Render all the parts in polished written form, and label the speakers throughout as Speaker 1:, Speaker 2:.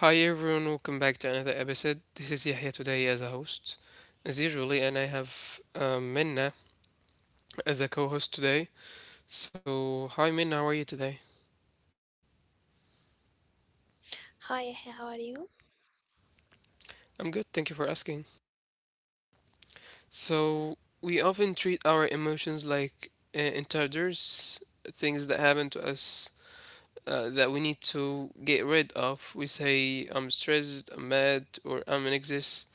Speaker 1: Hi everyone, welcome back to another episode. This is Yahya today as a host, as usually, and I have Minna as a co host today. So, hi Minna, how are you today?
Speaker 2: Hi, how are you?
Speaker 1: I'm good, thank you for asking. So, we often treat our emotions like intruders, things that happen to us that we need to get rid of. We say, I'm stressed, I'm mad, or I'm anxious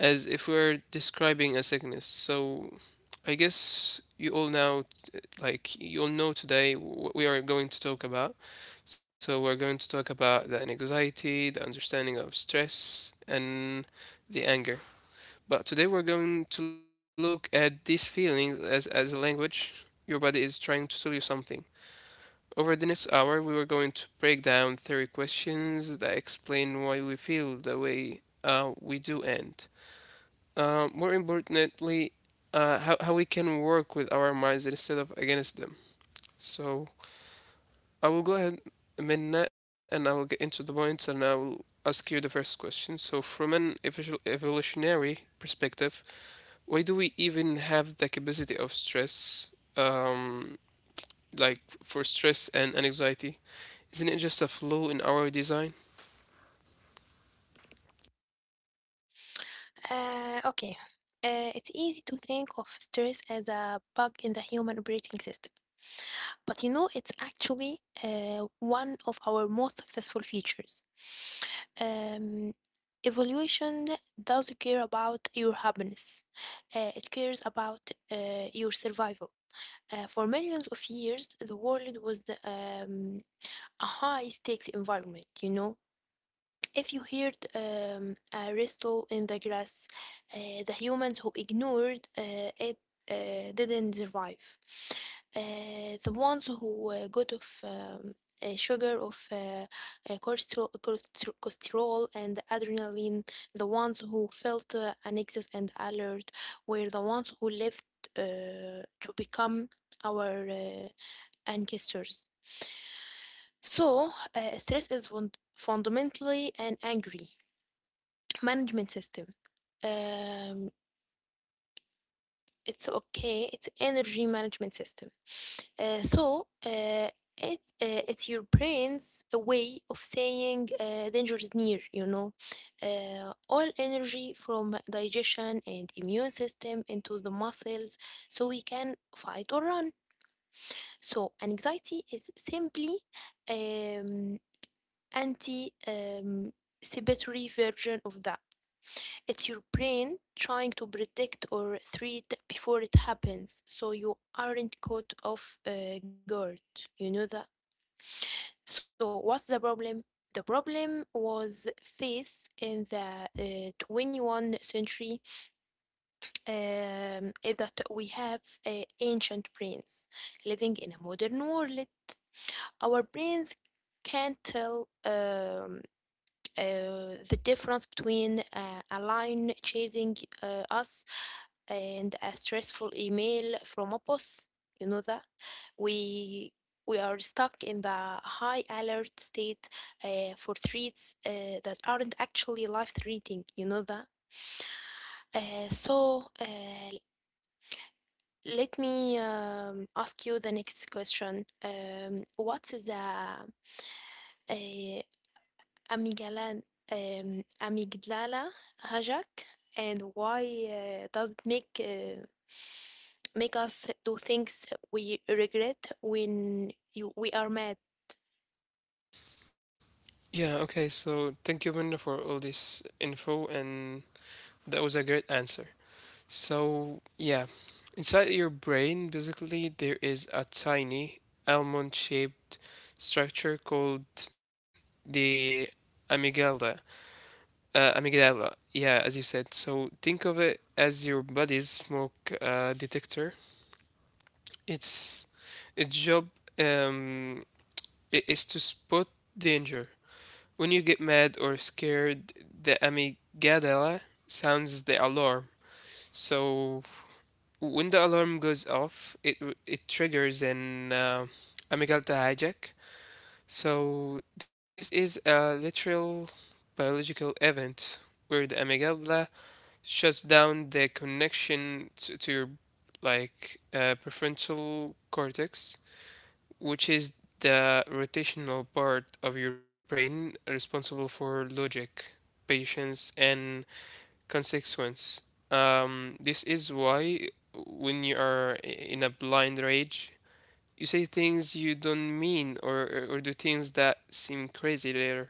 Speaker 1: as if we're describing a sickness. So I guess you all now, like, you all know today what we are going to talk about. So we're going to talk about the anxiety, the understanding of stress, and the anger. But today we're going to look at these feelings as a language your body is trying to tell you something. Over the next hour, we are going to break down three questions that explain why we feel the way we do and more importantly, how we can work with our minds instead of against them. So I will go ahead, Minna, and I will get into the points and I will ask you the first question. So, from an evolutionary perspective, why do we even have the capacity of stress, like for stress and anxiety? Isn't it just a flaw in our design?
Speaker 2: Okay. It's easy to think of stress as a bug in the human operating system, but you know, it's actually one of our most successful features. Um, Evolution doesn't care about your happiness, it cares about your survival. For millions of years, the world was a high stakes environment. If you heard a rustle in the grass, the humans who ignored it didn't survive. The ones who got of sugar, of cholesterol, and adrenaline, the ones who felt an excess and alert, were the ones who lived to become our ancestors. So, stress is fundamentally an angry management system. Um, it's okay. It's energy management system. So it's your brain's way of saying danger is near. All energy from digestion and immune system into the muscles, so we can fight or run. So anxiety is simply um, anti cibitory version of that. It's your brain trying to predict or treat before it happens, so you aren't caught off guard. You know that. So, what's the problem? The problem was faced in the 21st century, is that we have ancient brains living in a modern world. Our brains can't tell the difference between a line chasing us and a stressful email from a boss. You know that we we are stuck in the high alert state for threats that aren't actually life threatening. You know that. So let me ask you the next question. What is the uh, amygdala, amygdala hijack, and why does it make us do things we regret when we are mad?
Speaker 1: Yeah, okay, so thank you, Minna, for all this info, and that was a great answer. So, yeah, inside your brain, basically, there is a tiny almond-shaped structure called the amygdala. Amygdala, yeah, as you said. So, think of it as your body's smoke detector. Its its job um, is to spot danger. When you get mad or scared, the amygdala sounds the alarm. So, when the alarm goes off, it triggers an amygdala hijack. So this is a literal biological event where the amygdala shuts down the connection to your prefrontal cortex, which is the rotational part of your brain responsible for logic, patience, and consequence. This is why when you are in a blind rage, you say things you don't mean or do things that seem crazy later.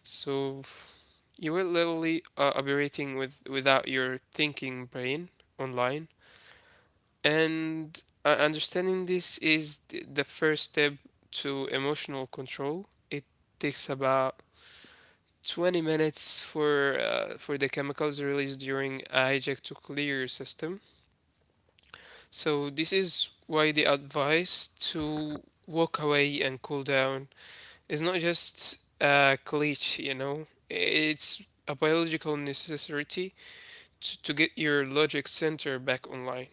Speaker 1: So you will literally operating with without your thinking brain online. And understanding this is the first step to emotional control. It takes about 20 minutes for for the chemicals released during a hijack to clear system. So this is why the advice to walk away and cool down is not just a glitch, you know. It's a biological necessity to get your logic center back online.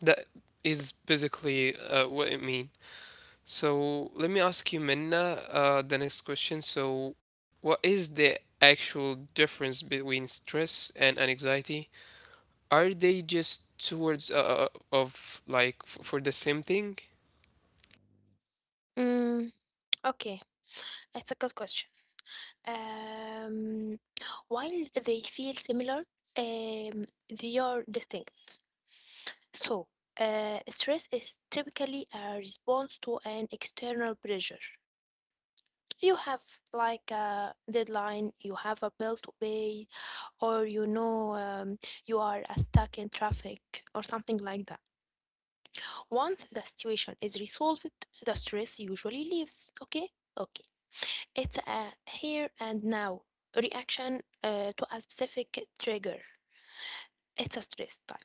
Speaker 1: That is basically what it means. So let me ask you, Minna, the next question. So, what is the actual difference between stress and anxiety? Are they just two words of like f for the same thing?
Speaker 2: Mm, okay, it's a good question. Um, while they feel similar, um, they are distinct. So, stress is typically a response to an external pressure. You have like a deadline, you have a bill to pay, or you are stuck in traffic or something like that. Once the situation is resolved, the stress usually leaves. Okay, okay. It's a here and now reaction to a specific trigger. It's a stress type.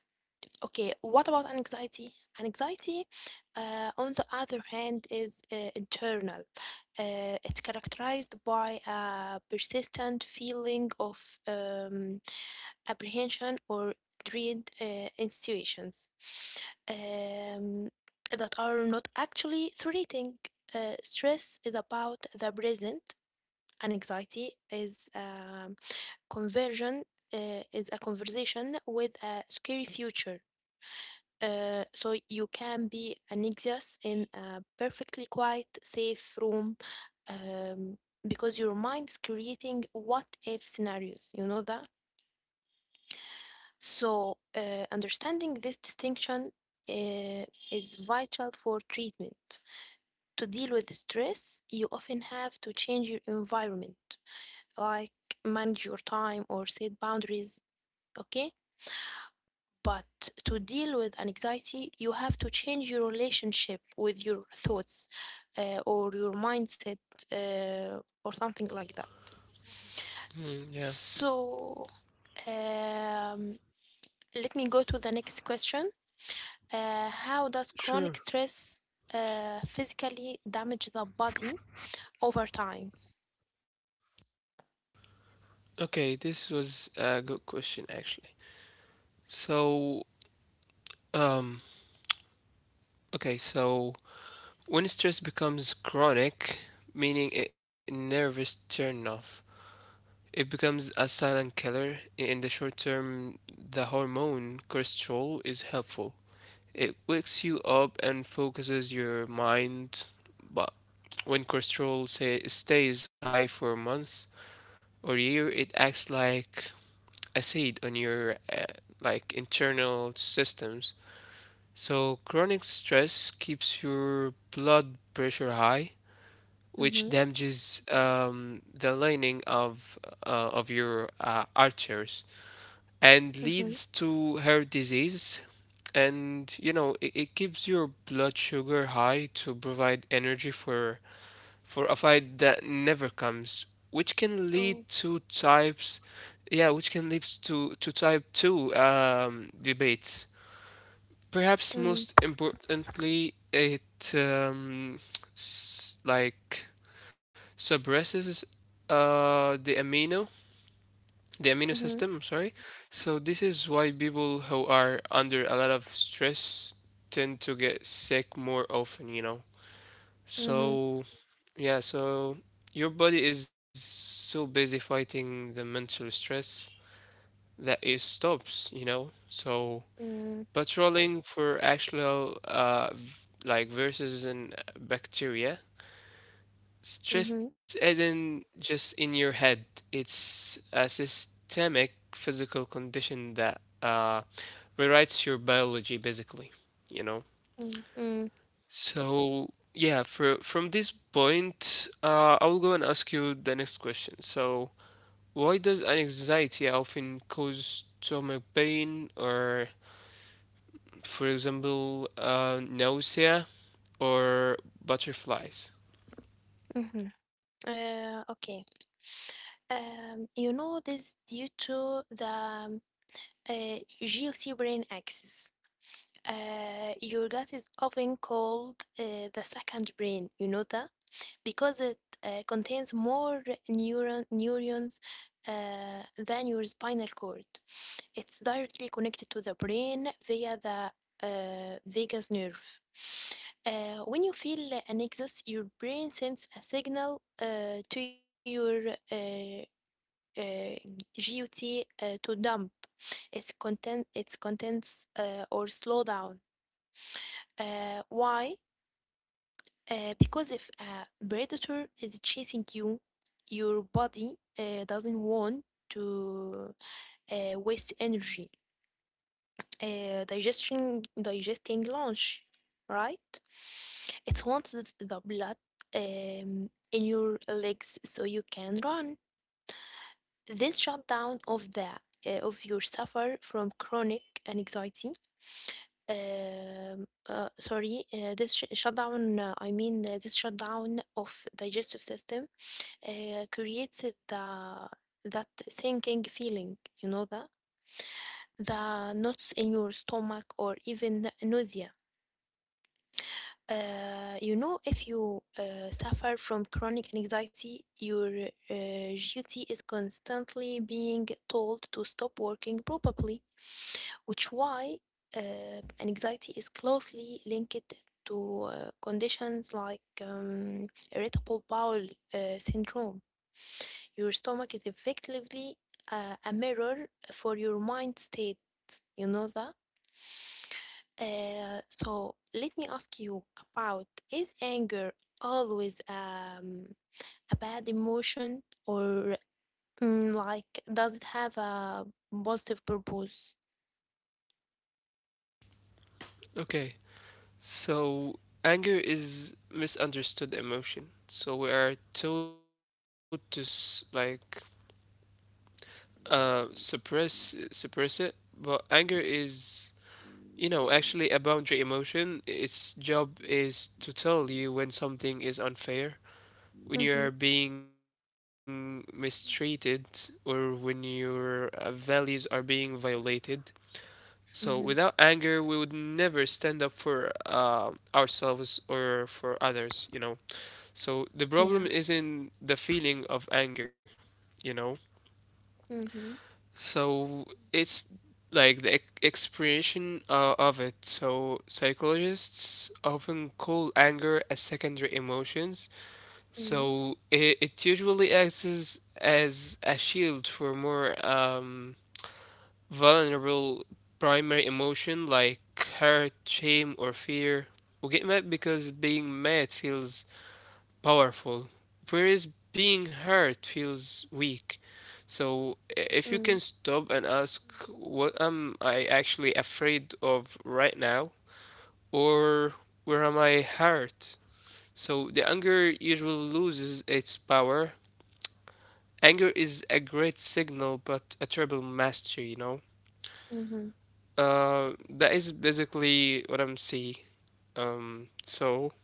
Speaker 2: Okay, what about anxiety? Anxiety, on the other hand, is internal. It's characterized by a persistent feeling of um, apprehension or dread in situations um, that are not actually threatening. Stress is about the present. Anxiety conversion is a conversation with a scary future. So you can be anxious in a perfectly quiet, safe room um, because your mind is creating what if scenarios. You know that? So, understanding this distinction uh, is vital for treatment. To deal with stress, you often have to change your environment, like manage your time or set boundaries. Okay, but to deal with anxiety, you have to change your relationship with your thoughts or your mindset or something like that.
Speaker 1: Hmm. Yeah.
Speaker 2: So, um, let me go to the next question. How does
Speaker 1: Sure.
Speaker 2: chronic stress physically damage the body over time?
Speaker 1: Okay, this was a good question actually. So, um, okay, so when stress becomes chronic, meaning a nervous turn off, it becomes a silent killer. In the short term, the hormone cortisol is helpful. It wakes you up and focuses your mind, but when cortisol say, stays high for months or year, it acts like acid on your internal systems. So chronic stress keeps your blood pressure high, which
Speaker 2: Mm-hmm.
Speaker 1: damages the lining of your archers and
Speaker 2: Mm-hmm.
Speaker 1: leads to heart disease. And you know, it keeps your blood sugar high to provide energy for a fight that never comes, which can lead
Speaker 2: Oh.
Speaker 1: to types, yeah, which can lead to type two debates. Perhaps
Speaker 2: Mm,
Speaker 1: most importantly, it um, s- like suppresses uh, the amino the amino
Speaker 2: mm-hmm.
Speaker 1: system, I'm sorry. So this is why people who are under a lot of stress tend to get sick more often, you know.
Speaker 2: Mm-hmm.
Speaker 1: So yeah, so your body is so busy fighting the mental stress that it stops, you know, so
Speaker 2: Mm,
Speaker 1: patrolling for actual viruses and bacteria.
Speaker 2: mm-hmm.
Speaker 1: Stress isn't just in your head, it's a systemic physical condition that rewrites your biology, basically, you know?
Speaker 2: Mm, mm,
Speaker 1: So, yeah, from this point, I will go and ask you the next question. So, why does anxiety often cause stomach pain or, for example, nausea or butterflies?
Speaker 2: mm-hmm. Okay. You know, this due to the guilty brain axis. Your gut is often called the second brain. You know that because it contains more neurons than your spinal cord. It's directly connected to the brain via the vagus nerve. When you feel an excess, your brain sends a signal to your uh, GUT to dump its contents or slow down. Why? Because if a predator is chasing you, your body doesn't want to waste energy. Digestion Digesting lunch, right? It wants the blood in your legs so you can run. This shutdown of the of your suffer from chronic anxiety. Sorry, this shutdown. I mean, this shutdown of digestive system creates the that sinking feeling. You know that, the knots in your stomach or even nausea. You know, if you suffer from chronic anxiety, your duty is constantly being told to stop working, probably which why anxiety is closely linked to conditions like irritable bowel syndrome. Your stomach is effectively a mirror for your mind state. You know that? So let me ask you, about is anger always a bad emotion, or like, does it have a positive purpose?
Speaker 1: Okay. So, anger is misunderstood emotion. So we are told to suppress it, but anger is, you know, actually a boundary emotion. Its job is to tell you when something is unfair, when you are
Speaker 2: Mm-hmm,
Speaker 1: being mistreated, or when your values are being violated. So without
Speaker 2: mm-hmm,
Speaker 1: anger, we would never stand up for ourselves or for others, you know. So the
Speaker 2: yeah.
Speaker 1: problem is in the feeling of anger, you know?
Speaker 2: Mm-hmm,
Speaker 1: So it's like the expression of it. So psychologists often call anger a secondary emotions.
Speaker 2: mm-hmm.
Speaker 1: So it usually acts as a shield for more vulnerable primary emotion like hurt, shame, or fear. We get mad because being mad feels powerful, whereas being hurt feels weak. So if you
Speaker 2: Mm,
Speaker 1: can stop and ask, what am I actually afraid of right now? Or where am I hurt? So the anger usually loses its power. Anger is a great signal, but a terrible master, you know?
Speaker 2: mhm.
Speaker 1: That is basically what I'm seeing. Um, so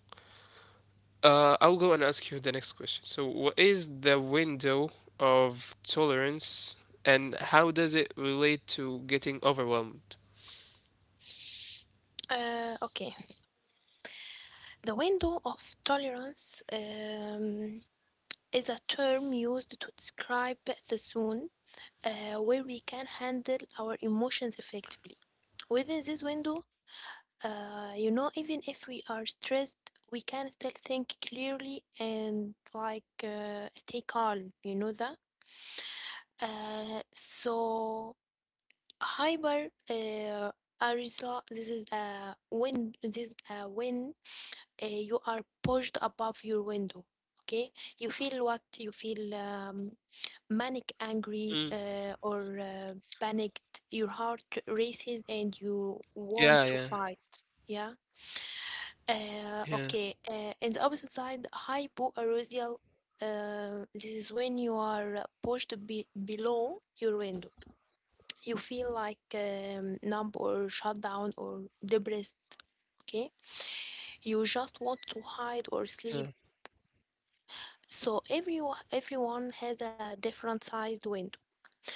Speaker 1: I'll go and ask you the next question. So, what is the window of tolerance and how does it relate to getting overwhelmed?
Speaker 2: Okay. The window of tolerance is a term used to describe the zone where we can handle our emotions effectively. Within this window, you know, even if we are stressed, we can still think clearly and, like, stay calm. You know that. So hyper arousal. This is a win, you are pushed above your window. Okay, you feel what you feel, manic,
Speaker 1: Mm.
Speaker 2: angry, or panicked. Your heart races and you want
Speaker 1: Yeah,
Speaker 2: to
Speaker 1: yeah,
Speaker 2: fight. Yeah.
Speaker 1: yeah,
Speaker 2: Okay. And the opposite side, hypoarousal, this is when you are pushed below your window. You feel, like, numb or shut down or depressed. Okay, you just want to hide or
Speaker 1: yeah.
Speaker 2: sleep. So everyone has a different sized window.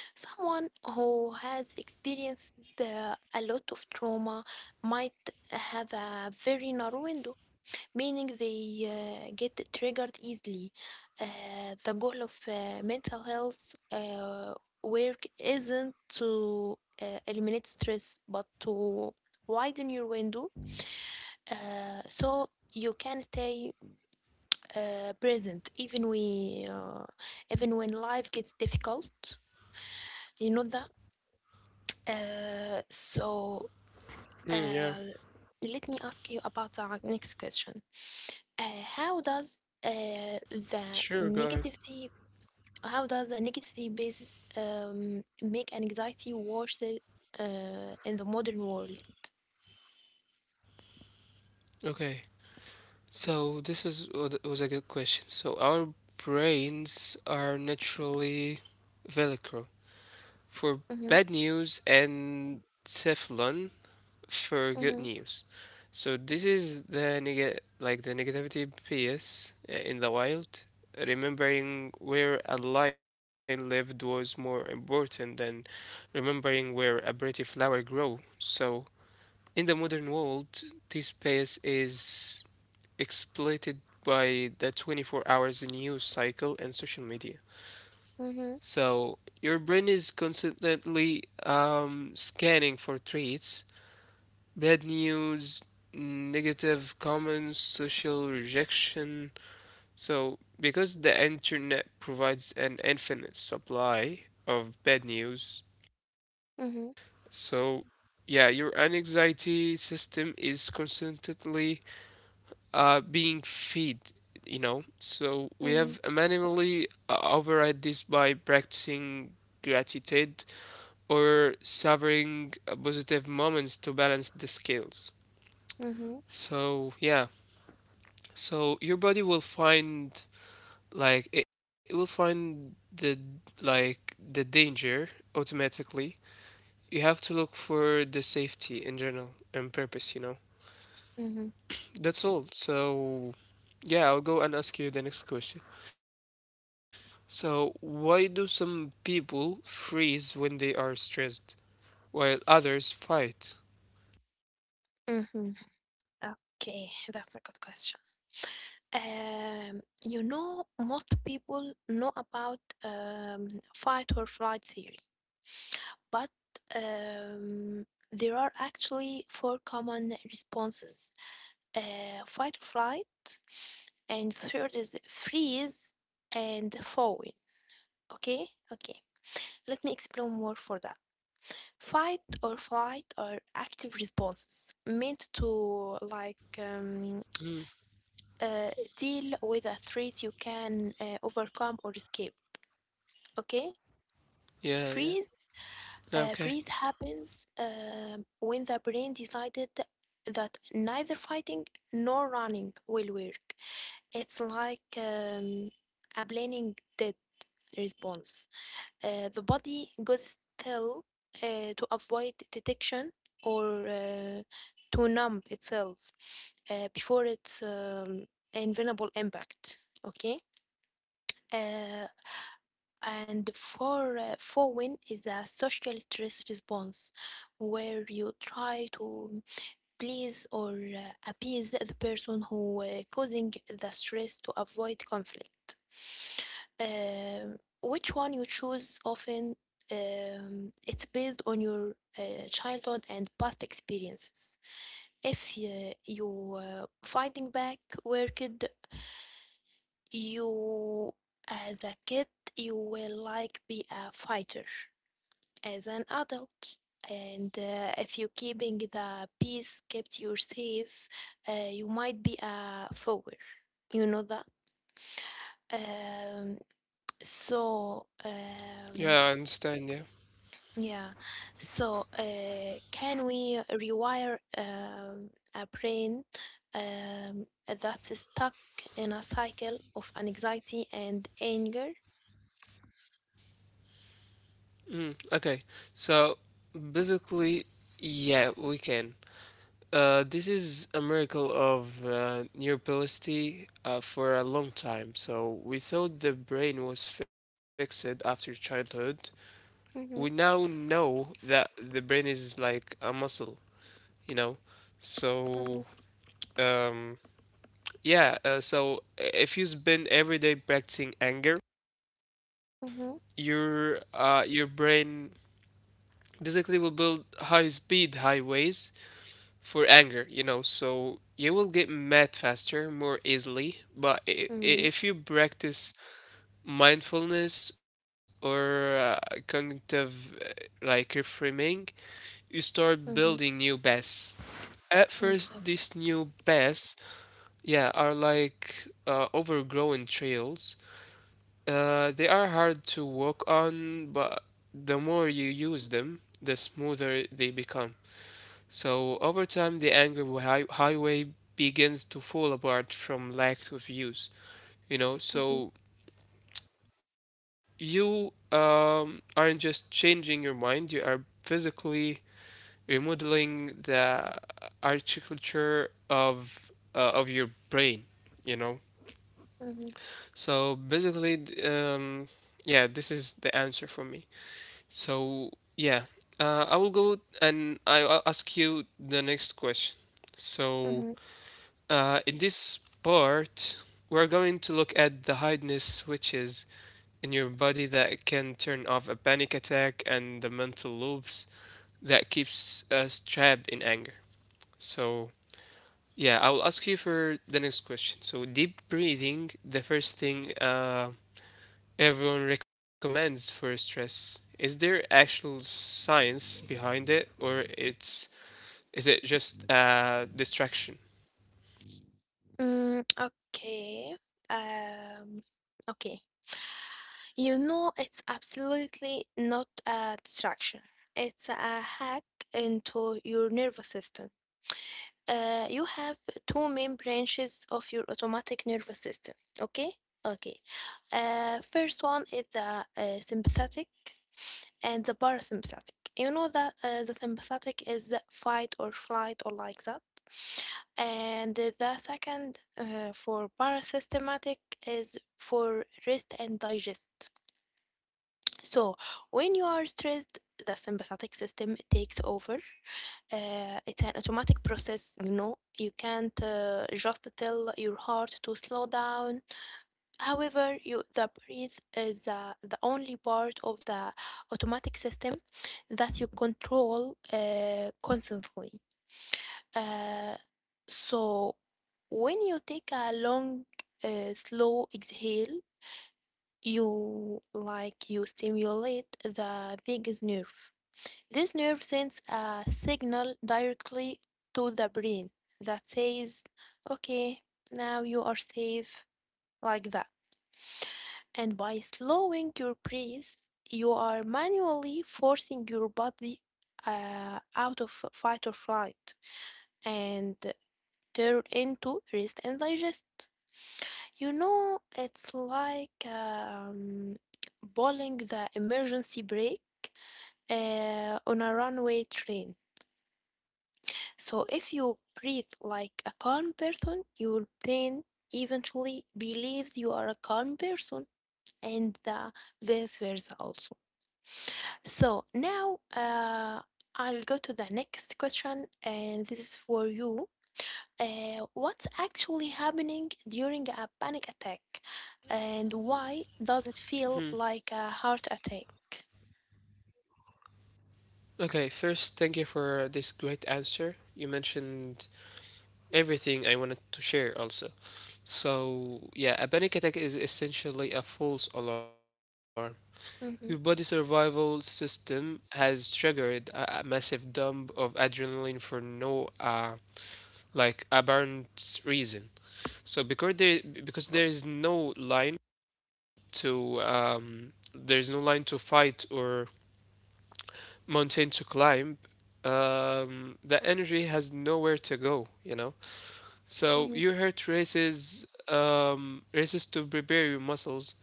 Speaker 2: Someone who has experienced a lot of trauma might have a very narrow window, meaning they get triggered easily. The goal of mental health work isn't to eliminate stress, but to widen your window so you can stay present even when life gets difficult. You know that. So
Speaker 1: Mm, yeah,
Speaker 2: uh, let me ask you about our next question. Uh, how does uh, the
Speaker 1: sure, go ahead.
Speaker 2: negativity how does the negativity basis make an anxiety worse in the modern world?
Speaker 1: Okay, so this is was a good question. So, our brains are naturally Velcro for
Speaker 2: Mhm,
Speaker 1: bad news and Teflon for good
Speaker 2: mhm,
Speaker 1: news. So this is the negativity bias in the wild. Remembering where a lion lived was more important than remembering where a pretty flower grew. So in the modern world, this bias is exploited by the 24 hours news cycle and social media.
Speaker 2: mhm,
Speaker 1: So your brain is constantly scanning for treats, bad news, negative comments, social rejection. So, because the internet provides an infinite supply of bad news,
Speaker 2: mhm,
Speaker 1: so yeah, your anxiety system is constantly being fed, you know. So, we
Speaker 2: mhm,
Speaker 1: have manually override this by practicing gratitude or savoring positive moments to balance the scales.
Speaker 2: mhm,
Speaker 1: So, yeah. So your body will find like it will find the like the danger automatically. You have to look for the safety in general and purpose, you know.
Speaker 2: mhm,
Speaker 1: That's all. So yeah, I'll go and ask you the next question. So why do some people freeze when they are stressed while others fight?
Speaker 2: mhm. Okay, that's a good question. You know, most people know about fight or flight theory, but um, there are actually four common responses: fight or flight, and third is freeze and falling. Okay, okay. Let me explain more for that. Fight or flight are active responses meant to, like,
Speaker 1: Mm,
Speaker 2: uh, deal with a threat you can overcome or escape. Okay,
Speaker 1: yeah, yeah.
Speaker 2: freeze.
Speaker 1: Yeah, okay.
Speaker 2: Freeze happens when the brain decided that neither fighting nor running will work. It's like a planning dead response. The body goes still to avoid detection or to numb itself before its invulnerable impact. Okay. Uh, and for win is a social stress response where you try to please or appease the person who causing the stress to avoid conflict. Which one you choose often, it's based on your childhood and past experiences. If you fighting back worked, you as a kid, you will, like, be a fighter as an adult. And if you keeping the peace, kept you safe, you might be a follower. You know that. Um, so um,
Speaker 1: Yeah, I understand, yeah.
Speaker 2: Yeah. So, can we rewire a brain that's stuck in a cycle of anxiety and anger?
Speaker 1: Mm, okay. So basically, yeah, we can. This is a miracle of neuroplasticity for a long time. So we thought the brain was fixed after childhood. We now
Speaker 2: Mm-hmm,
Speaker 1: know that the brain is like a muscle, you know. So
Speaker 2: mm-hmm,
Speaker 1: um, yeah. So if you spend every day practicing anger,
Speaker 2: mm-hmm,
Speaker 1: your brain basically will build high speed highways for anger, you know, so you will get mad faster, more easily. But
Speaker 2: mm-hmm,
Speaker 1: if you practice mindfulness or cognitive reframing, you start building
Speaker 2: mm-hmm,
Speaker 1: new paths. At first, these
Speaker 2: exactly.
Speaker 1: new paths, yeah, are like overgrown trails. They are hard to walk on, but the more you use them, the smoother they become. So over time, the anger highway begins to fall apart from lack of use. You
Speaker 2: Mm-hmm,
Speaker 1: know, so you aren't just changing your mind; you are physically remodeling the architecture of your brain. You know,
Speaker 2: mm-hmm,
Speaker 1: so basically, yeah, this is the answer for me. So yeah, I will go and I'll ask you the next question. So
Speaker 2: mm-hmm.
Speaker 1: In this part, we're going to look at the highness switches in your body that can turn off a panic attack and the mental loops that keeps us trapped in anger. So, yeah, I'll ask you for the next question. So, deep breathing, the first thing everyone recommends for stress. Is there actual science behind it, or it's is it just a distraction?
Speaker 2: Okay. Um, okay. You know, it's absolutely not a distraction. It's a hack into your nervous system. You have two main branches of your automatic nervous system. Okay? Okay. First one is the sympathetic and the parasympathetic. You know that the sympathetic is the fight or flight or like that. And the second, for parasympathetic, is for rest and digest. So when you are stressed, the sympathetic system takes over. It's an automatic process, you know. You can't just tell your heart to slow down. However, the breath is the only part of the automatic system that you control constantly. Uh, so, when you take a long, slow exhale, you stimulate the vagus nerve. This nerve sends a signal directly to the brain that says, okay, now you are safe, like that. And by slowing your breath, you are manually forcing your body out of fight or flight and turn into rest and digest. You know, it's like pulling the emergency brake on a runway train. So if you breathe like a calm person, your brain eventually believes you are a calm person, and vice versa also. So now I'll go to the next question, and this is for you. What's actually happening during a panic attack, and why does it
Speaker 1: Hmm.
Speaker 2: feel like a heart attack?
Speaker 1: Okay, first, thank you for this great answer. You mentioned everything I wanted to share also. So, yeah, a panic attack is essentially a false alarm.
Speaker 2: Mm-hmm,
Speaker 1: Your body survival system has triggered a massive dump of adrenaline for no apparent reason. So because there is no line to fight or mountain to climb, the energy has nowhere to go, you know? So
Speaker 2: mm-hmm,
Speaker 1: your heart races, races to prepare your muscles,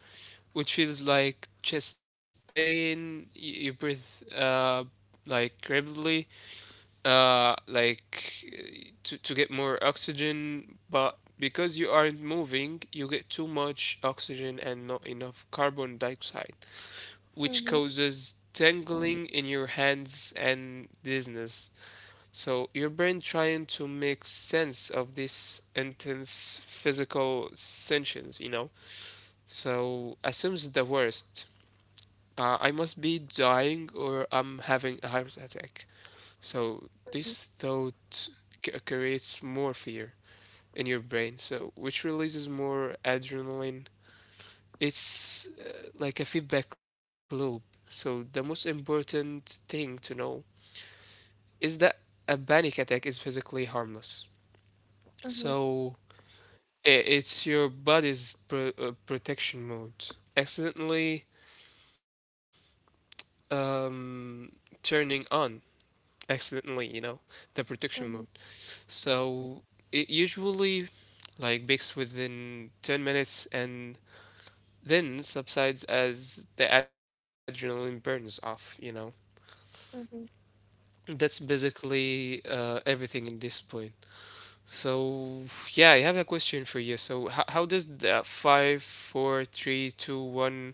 Speaker 1: which feels like chest pain. You breathe uh, rapidly, to get more oxygen, but because you aren't moving, you get too much oxygen and not enough carbon dioxide which
Speaker 2: mm-hmm,
Speaker 1: causes tingling in your hands and dizziness. So your brain trying to make sense of these intense physical sensations, you know. So assumes the worst. I must be dying or I'm having a heart attack. So
Speaker 2: mm-hmm,
Speaker 1: this thought creates more fear in your brain, so which releases more adrenaline it's like a feedback loop. So the most important thing to know is that a panic attack is physically harmless.
Speaker 2: mm-hmm,
Speaker 1: So it's your body's protection mode accidentally um, turning on accidentally, the protection mode.
Speaker 2: mm-hmm.
Speaker 1: So it usually like peaks within 10 minutes and then subsides as the adrenaline burns off.
Speaker 2: Mm-hmm.
Speaker 1: That's basically everything in this point. So yeah, I have a question for you. So how does the 5, 4, 3, 2, 1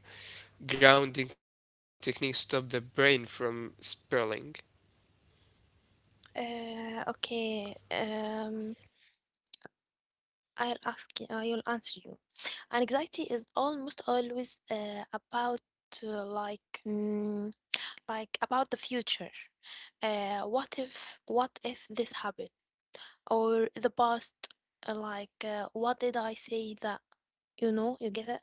Speaker 1: grounding technique stop the brain from spiraling?
Speaker 2: Okay. I'll ask you, I will answer you. Anxiety is almost always about, uh, like mm, like, about the future. What if, this happened, or the past? Like, what did I say that, you know, you get it?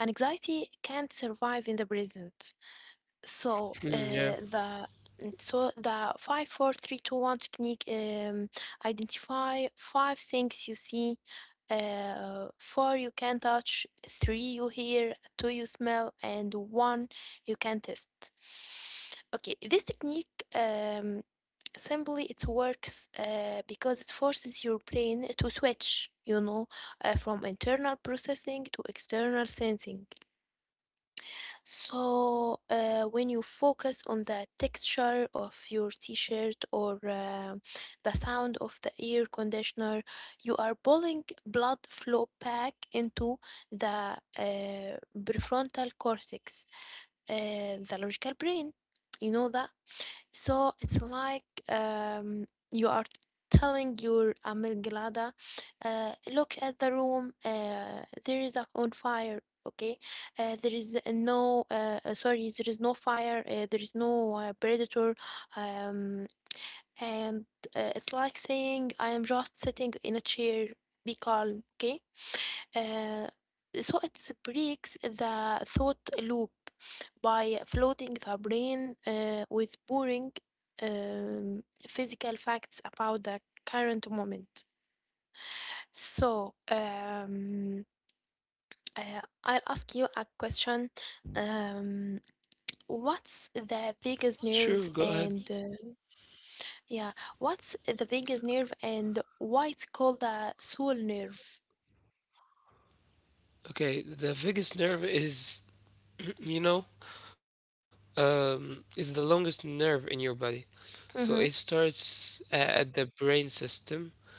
Speaker 2: Anxiety can't survive in the present.
Speaker 1: Hmm, yeah,
Speaker 2: So uh, the so the 5-4-3-2-1 technique, identify five things you see, four you can touch, three you hear, two you smell, and one you can test. Okay, this technique um, simply it works because it forces your brain to switch, from internal processing to external sensing. So, when you focus on the texture of your t-shirt or the sound of the air conditioner, you are pulling blood flow back into the prefrontal cortex, uh, the logical brain. You know that? So it's like you are telling your amygdala, look at the room, there is a on fire. Okay, there is no sorry, there is no fire, there is no predator, um, and it's like saying, I am just sitting in a chair. Be calm, okay? Uh, so it breaks the thought loop by flooding the brain with boring physical facts about the current moment. So, I'll ask you a question. Um, what's the vagus nerve
Speaker 1: sure. Go ahead.
Speaker 2: and uh, yeah, what's the vagus nerve, and why it's called the soul nerve?
Speaker 1: Okay, the vagus nerve is, you know, is the longest nerve in your body. So it
Speaker 2: Mm-hmm.
Speaker 1: starts at the brain system,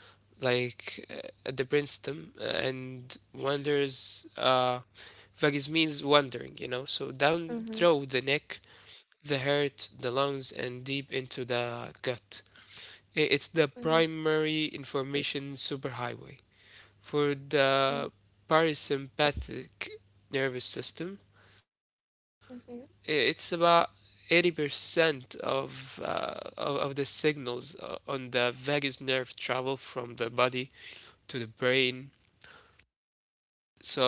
Speaker 1: like at the brainstem, and wanders. Vagus means wandering, you know. So down
Speaker 2: Mm-hmm.
Speaker 1: through the neck, the heart, the lungs, and deep into the gut. It's the
Speaker 2: Mm-hmm.
Speaker 1: primary information superhighway. For the parasympathetic nervous system,
Speaker 2: Mm-hmm.
Speaker 1: it's about 80% of the signals on the vagus nerve travel from the body to the brain.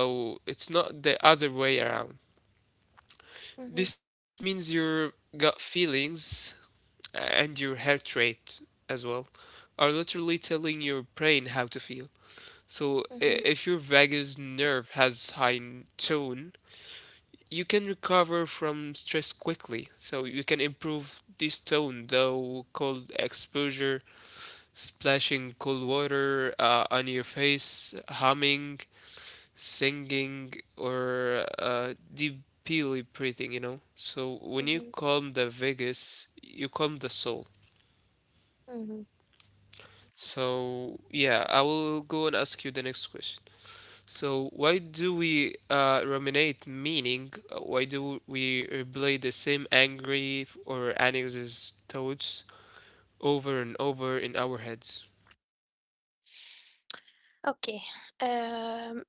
Speaker 1: So it's not the other way around.
Speaker 2: Mm-hmm.
Speaker 1: This means your gut feelings and your heart rate as well are literally telling your brain how to feel. So,
Speaker 2: Mm-hmm.
Speaker 1: if your vagus nerve has high tone, you can recover from stress quickly. So, you can improve this tone, though cold exposure, splashing cold water on your face, humming, singing, or deeply breathing, you know. So, when you calm the vagus, you calm the soul.
Speaker 2: Mm-hmm.
Speaker 1: So, yeah, I will go and ask you the next question. So, why do we ruminate meaning? Why do we replay the same angry or anxious thoughts over and over in our heads?
Speaker 2: Okay. Um,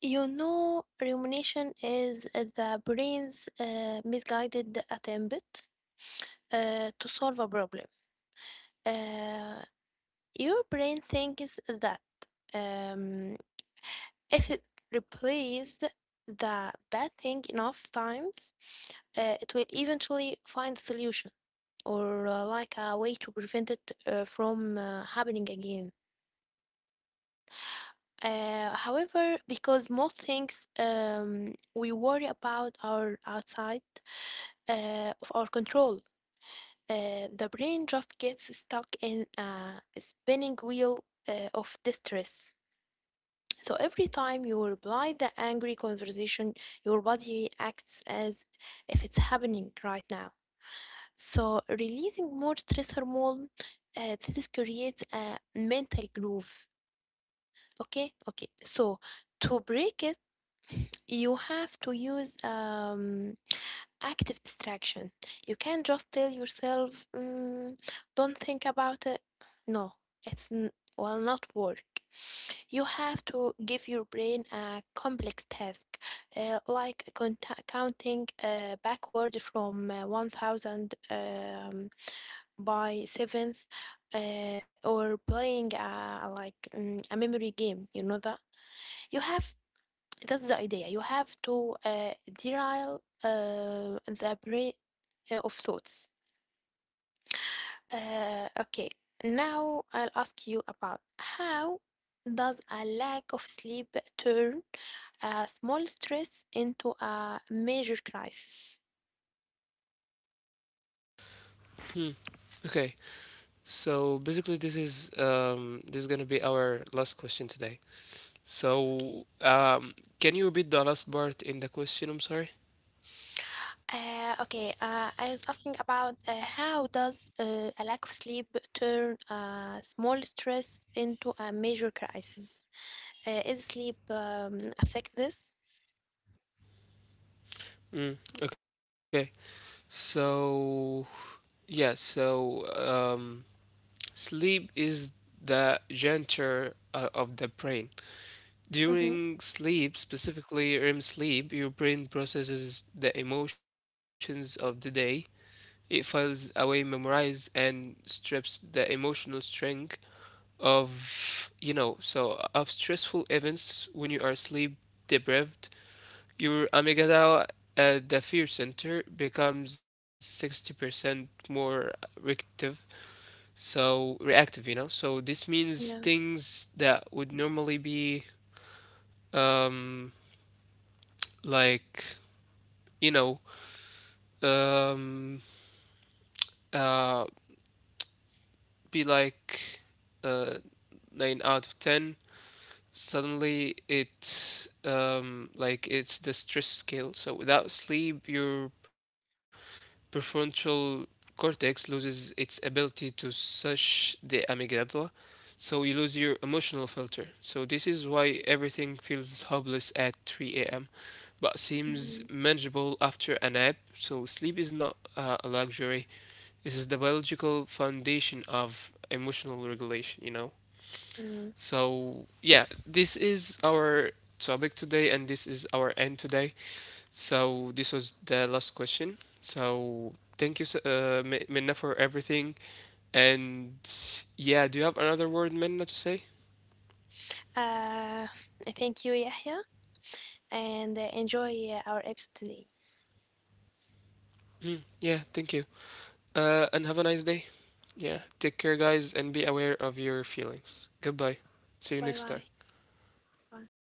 Speaker 2: you know, rumination is the brain's misguided attempt to solve a problem. Uh, your brain thinks that um, if it replays the bad thing enough times, it will eventually find a solution or like a way to prevent it from happening again. However, because most things we worry about are outside of our control, the brain just gets stuck in a spinning wheel of distress. So every time you reply the angry conversation, your body acts as if it's happening right now. So releasing more stress hormone, this is creates a mental groove. Okay, okay. So to break it, you have to use active distraction. You can't just tell yourself, don't think about it. No, it's will not work. You have to give your brain a complex task, like counting backward from 1000 by seventh, or playing, like, a memory game. You know you have that's the idea. You have to derail the brain of thoughts. Okay, now I'll ask you about, how does a lack of sleep turn a small stress into a major crisis?
Speaker 1: Hmm. Okay. So basically, this is gonna be our last question today.
Speaker 2: Okay.
Speaker 1: So, can you repeat the last part in the question? I'm sorry.
Speaker 2: Okay, I was asking about how does a lack of sleep turn a small stress into a major crisis? Is sleep affect this?
Speaker 1: Mm, okay. So, yeah. So, sleep is the center of the brain.
Speaker 2: Mhm.
Speaker 1: During sleep, specifically REM sleep, your brain processes the emotions of the day. It files away, memorizes, and strips the emotional string of of stressful events when you are sleep deprived. Your amygdala, the fear center, becomes 60% more reactive so reactive. So this means
Speaker 2: Yeah.
Speaker 1: things that would normally be um like you know um uh be like uh 9 out of 10. Suddenly it's like it's the stress scale. So without sleep, your prefrontal cortex loses its ability to search the amygdala, so you lose your emotional filter. So this is why everything feels hopeless at 3 a.m. but seems
Speaker 2: Mhm.
Speaker 1: manageable after a nap. So sleep is not a luxury. This is the biological foundation of emotional regulation, you know.
Speaker 2: Mm.
Speaker 1: So yeah, this is our topic today and this is our end today. So this was the last question. So thank you, Minna, for everything. And yeah, do you have another word, Minna, to say?
Speaker 2: Uh, Thank you, Yahya, and enjoy our episode today.
Speaker 1: Mm, yeah, thank you. And have a nice day. Yeah, take care, guys, and be aware of your feelings. Goodbye. See you
Speaker 2: Bye
Speaker 1: next time.
Speaker 2: bye. Bye.